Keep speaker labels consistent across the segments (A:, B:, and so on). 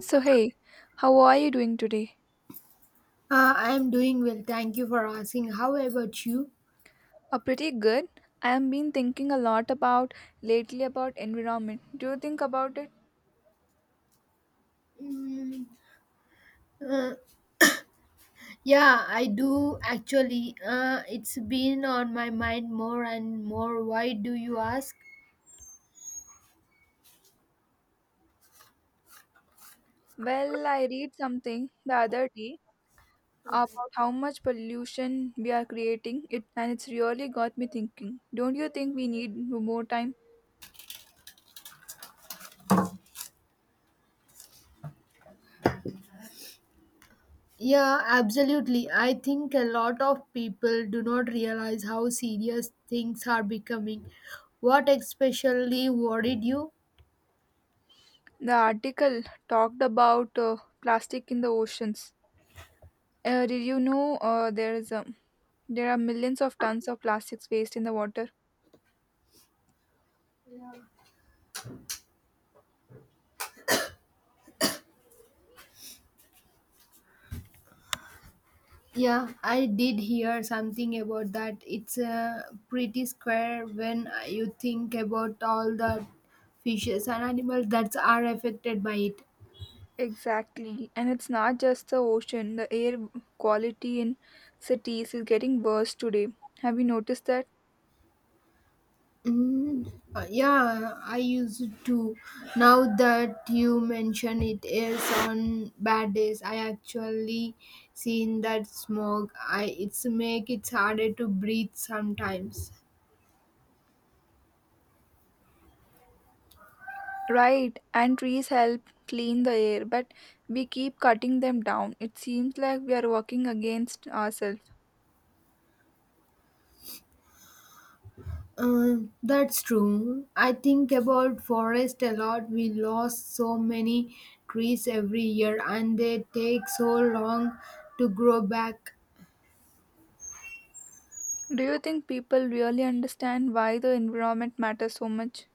A: So, hey, how are you doing today?
B: I'm doing well. Thank you for asking. How about you?
A: Pretty good. I have been thinking a lot about lately about environment. Do you think about it?
B: Mm, uh, Yeah, I do actually. It's been on my mind more and more. Why do you ask?
A: Well, I read something the other day about how much pollution we are creating it and it's really got me thinking. Don't you think we need more time?
B: Yeah, absolutely. I think a lot of people do not realize how serious things are becoming. What especially worried you?
A: The article talked about plastic in the oceans. Did you know there are millions of tons of plastics waste in the water?
B: Yeah, I did hear something about that. It's pretty square when you think about all the fishes and animals that are affected by it.
A: Exactly. And it's not just the ocean, the air quality in cities is getting worse today. Have you noticed that?
B: Yeah, I used to. Now that you mention it is on bad days, I actually seen that smog. I it's make it harder to breathe sometimes.
A: Right. And trees help clean the air, but we keep cutting them down. It seems like we are working against ourselves.
B: Uh, that's true. I think about forest a lot. We lost so many trees every year and they take so long to grow back.
A: Do you think people really understand why the environment matters so much?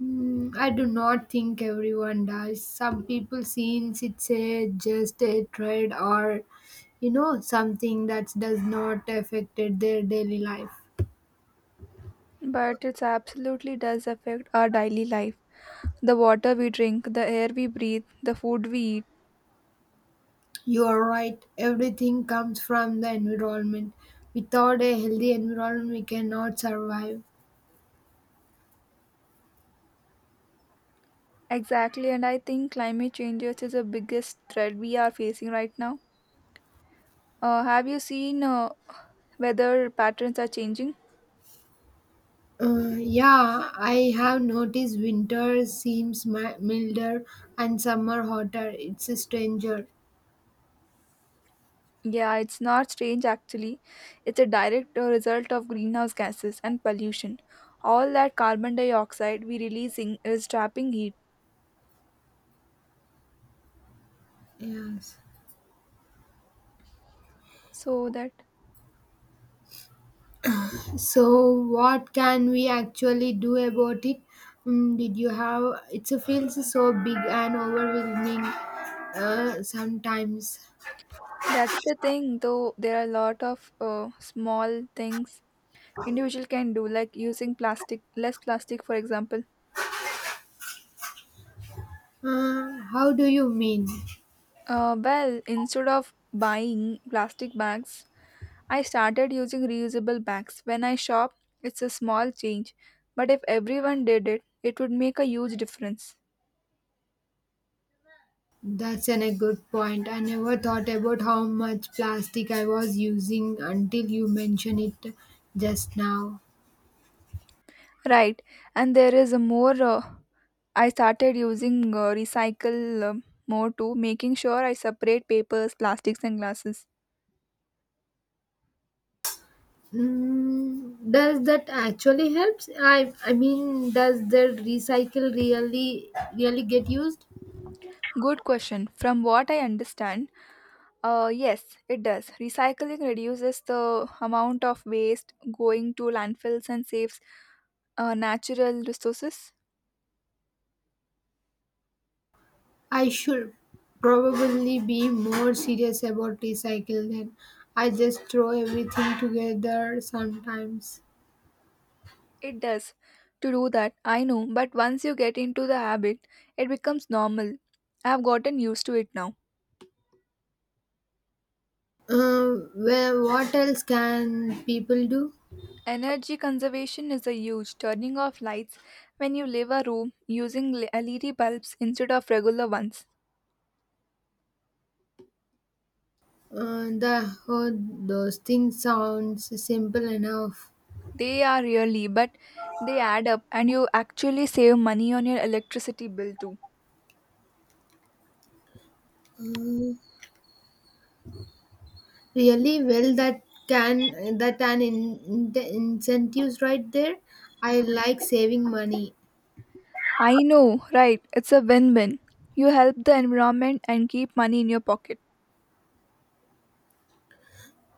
B: I do not think everyone does. Some people since it's a just a trade or something that does not affect their daily life.
A: But it absolutely does affect our daily life. The water we drink, the air we breathe, the food we eat.
B: You are right. Everything comes from the environment. Without a healthy environment, we cannot survive.
A: Exactly, and I think climate changes is the biggest threat we are facing right now. Have you seen weather patterns are changing?
B: Yeah, I have noticed winter seems milder and summer hotter. It's a stranger.
A: Yeah, it's not strange actually. It's a direct result of greenhouse gases and pollution. All that carbon dioxide we releasing is trapping heat.
B: Yes.
A: So that
B: So, what can we actually do about it? Did you have? It feels so big and overwhelming sometimes.
A: that's the thing. Though there are a lot of small things individual can do, like using plastic less plastic, for example.
B: How do you mean?
A: Well, instead of buying plastic bags, I started using reusable bags. When I shop, it's a small change, but if everyone did it, it would make a huge difference.
B: That's a good point. I never thought about how much plastic I was using until you mentioned it just now.
A: Right, and there is a more. I started using recycle more too, making sure I separate papers, plastics, and glasses.
B: Does that actually helps? I mean, does the recycle really get used?
A: Good question. From what I understand, yes, it does. Recycling reduces the amount of waste going to landfills and saves natural resources.
B: I should probably be more serious about recycle than I just throw everything together sometimes.
A: It does. To do that, I know, but once you get into the habit, it becomes normal. I have gotten used to it now.
B: Well, what else can people do?
A: Energy conservation is a huge turning off lights when you leave a room using LED bulbs instead of regular ones.
B: Uh, the oh, those things sounds simple enough.
A: They are really, but they add up and you actually save money on your electricity bill too.
B: Really. Well, that can that an incentives right there. I like saving money.
A: I know, right? It's a win win. You help the environment and keep money in your pocket.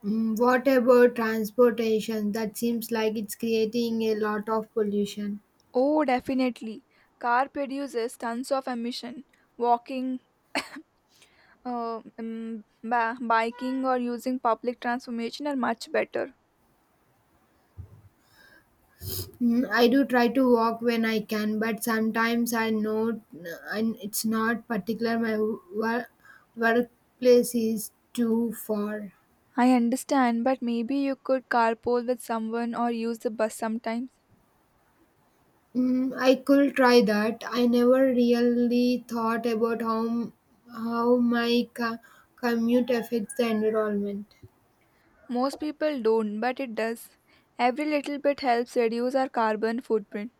B: What about transportation? That seems like it's creating a lot of pollution.
A: Oh, definitely. Car produces tons of emission. Walking, biking, or using public transportation are much better.
B: I do try to walk when I can, but sometimes I know and it's not particular. My workplace is too far.
A: I understand, but maybe you could carpool with someone or use the bus sometimes.
B: I could try that. I never really thought about how my commute affects the environment.
A: Most people don't, but it does. Every little bit helps reduce our carbon footprint.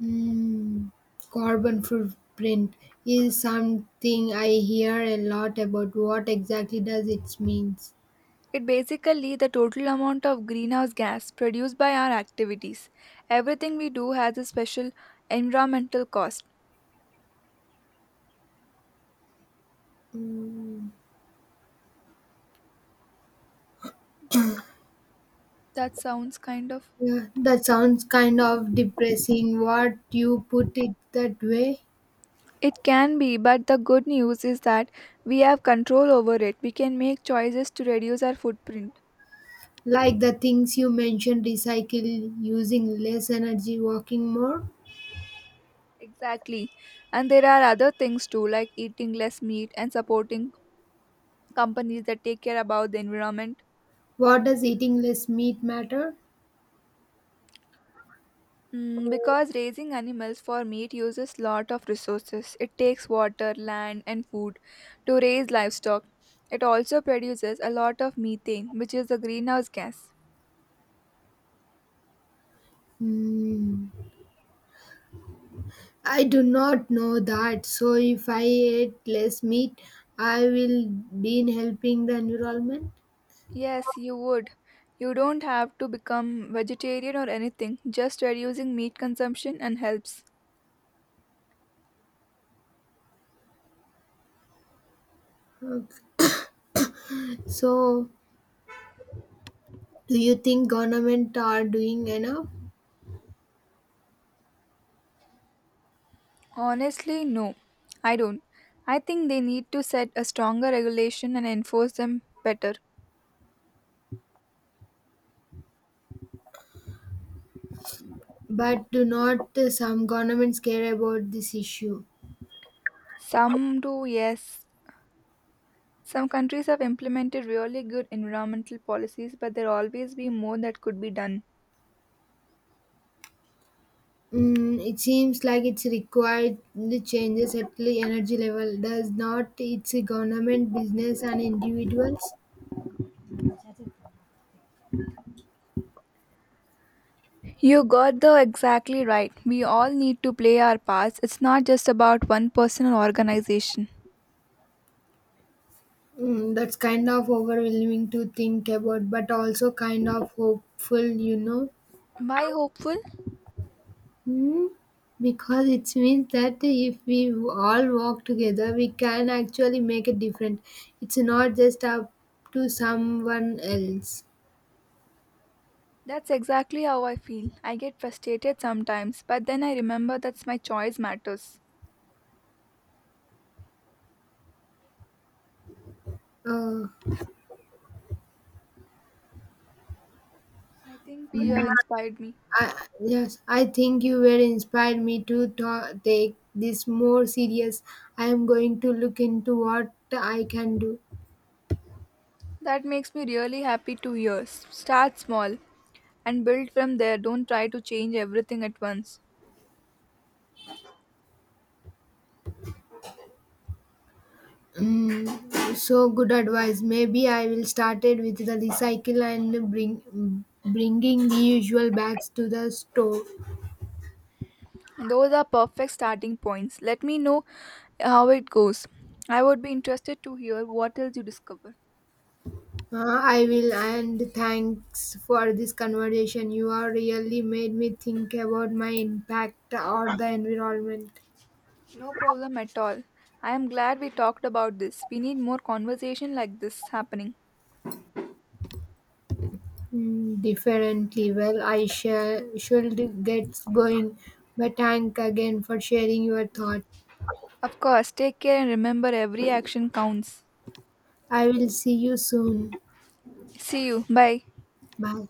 B: Mm, Carbon footprint is something I hear a lot about. What exactly does it means?
A: It basically the total amount of greenhouse gas produced by our activities. Everything we do has a special environmental cost.
B: Mm,
A: That sounds kind of
B: yeah, that sounds kind of depressing. What you put it that way?
A: it can be, but the good news is that we have control over it. We can make choices to reduce our footprint.
B: Like the things you mentioned, recycle, using less energy, working more.
A: Exactly. And there are other things too, like eating less meat and supporting companies that take care about the environment.
B: What does eating less meat matter?
A: Because raising animals for meat uses lot of resources. It takes water, land, and food to raise livestock. It also produces a lot of methane, which is the greenhouse gas.
B: Hmm, I do not know that. So if I eat less meat, I will be in helping the environment.
A: Yes, you would. You don't have to become vegetarian or anything. Just reducing meat consumption and helps.
B: So, do you think government are doing enough?
A: Honestly, no. I don't. I think they need to set a stronger regulation and enforce them better.
B: But do not some governments care about this issue?
A: Some do, yes. Some countries have implemented really good environmental policies, but there always be more that could be done.
B: It seems like it's required the changes at the energy level. Does not it's a government, business, and individuals?
A: You got the exactly right. We all need to play our parts. It's not just about one person or organization.
B: That's kind of overwhelming to think about, but also kind of hopeful.
A: My hopeful?
B: Hmm, because it means that if we all work together, we can actually make a difference. It's not just up to someone else.
A: That's exactly how I feel. I get frustrated sometimes, but then I remember that's my choice matters.
B: Uh,
A: I think you
B: mm,
A: have inspired me.
B: I, yes, I think you were inspired me to take this more serious. I am going to look into what I can do.
A: That makes me really happy to hear. Start small and build from there. Don't try to change everything at once.
B: So good advice. Maybe I will start it with the recycle and bringing the usual bags to the store.
A: Those are perfect starting points. Let me know how it goes. I would be interested to hear what else you discover.
B: I will, and thanks for this conversation. You are really made me think about my impact or the environment
A: No problem at all. I am glad we talked about this. We need more conversation like this happening.
B: differently. Well, I shall should get going, but thank again for sharing your thought.
A: Of course, take care and remember every action counts.
B: I will see you soon.
A: See you. Bye.
B: Bye.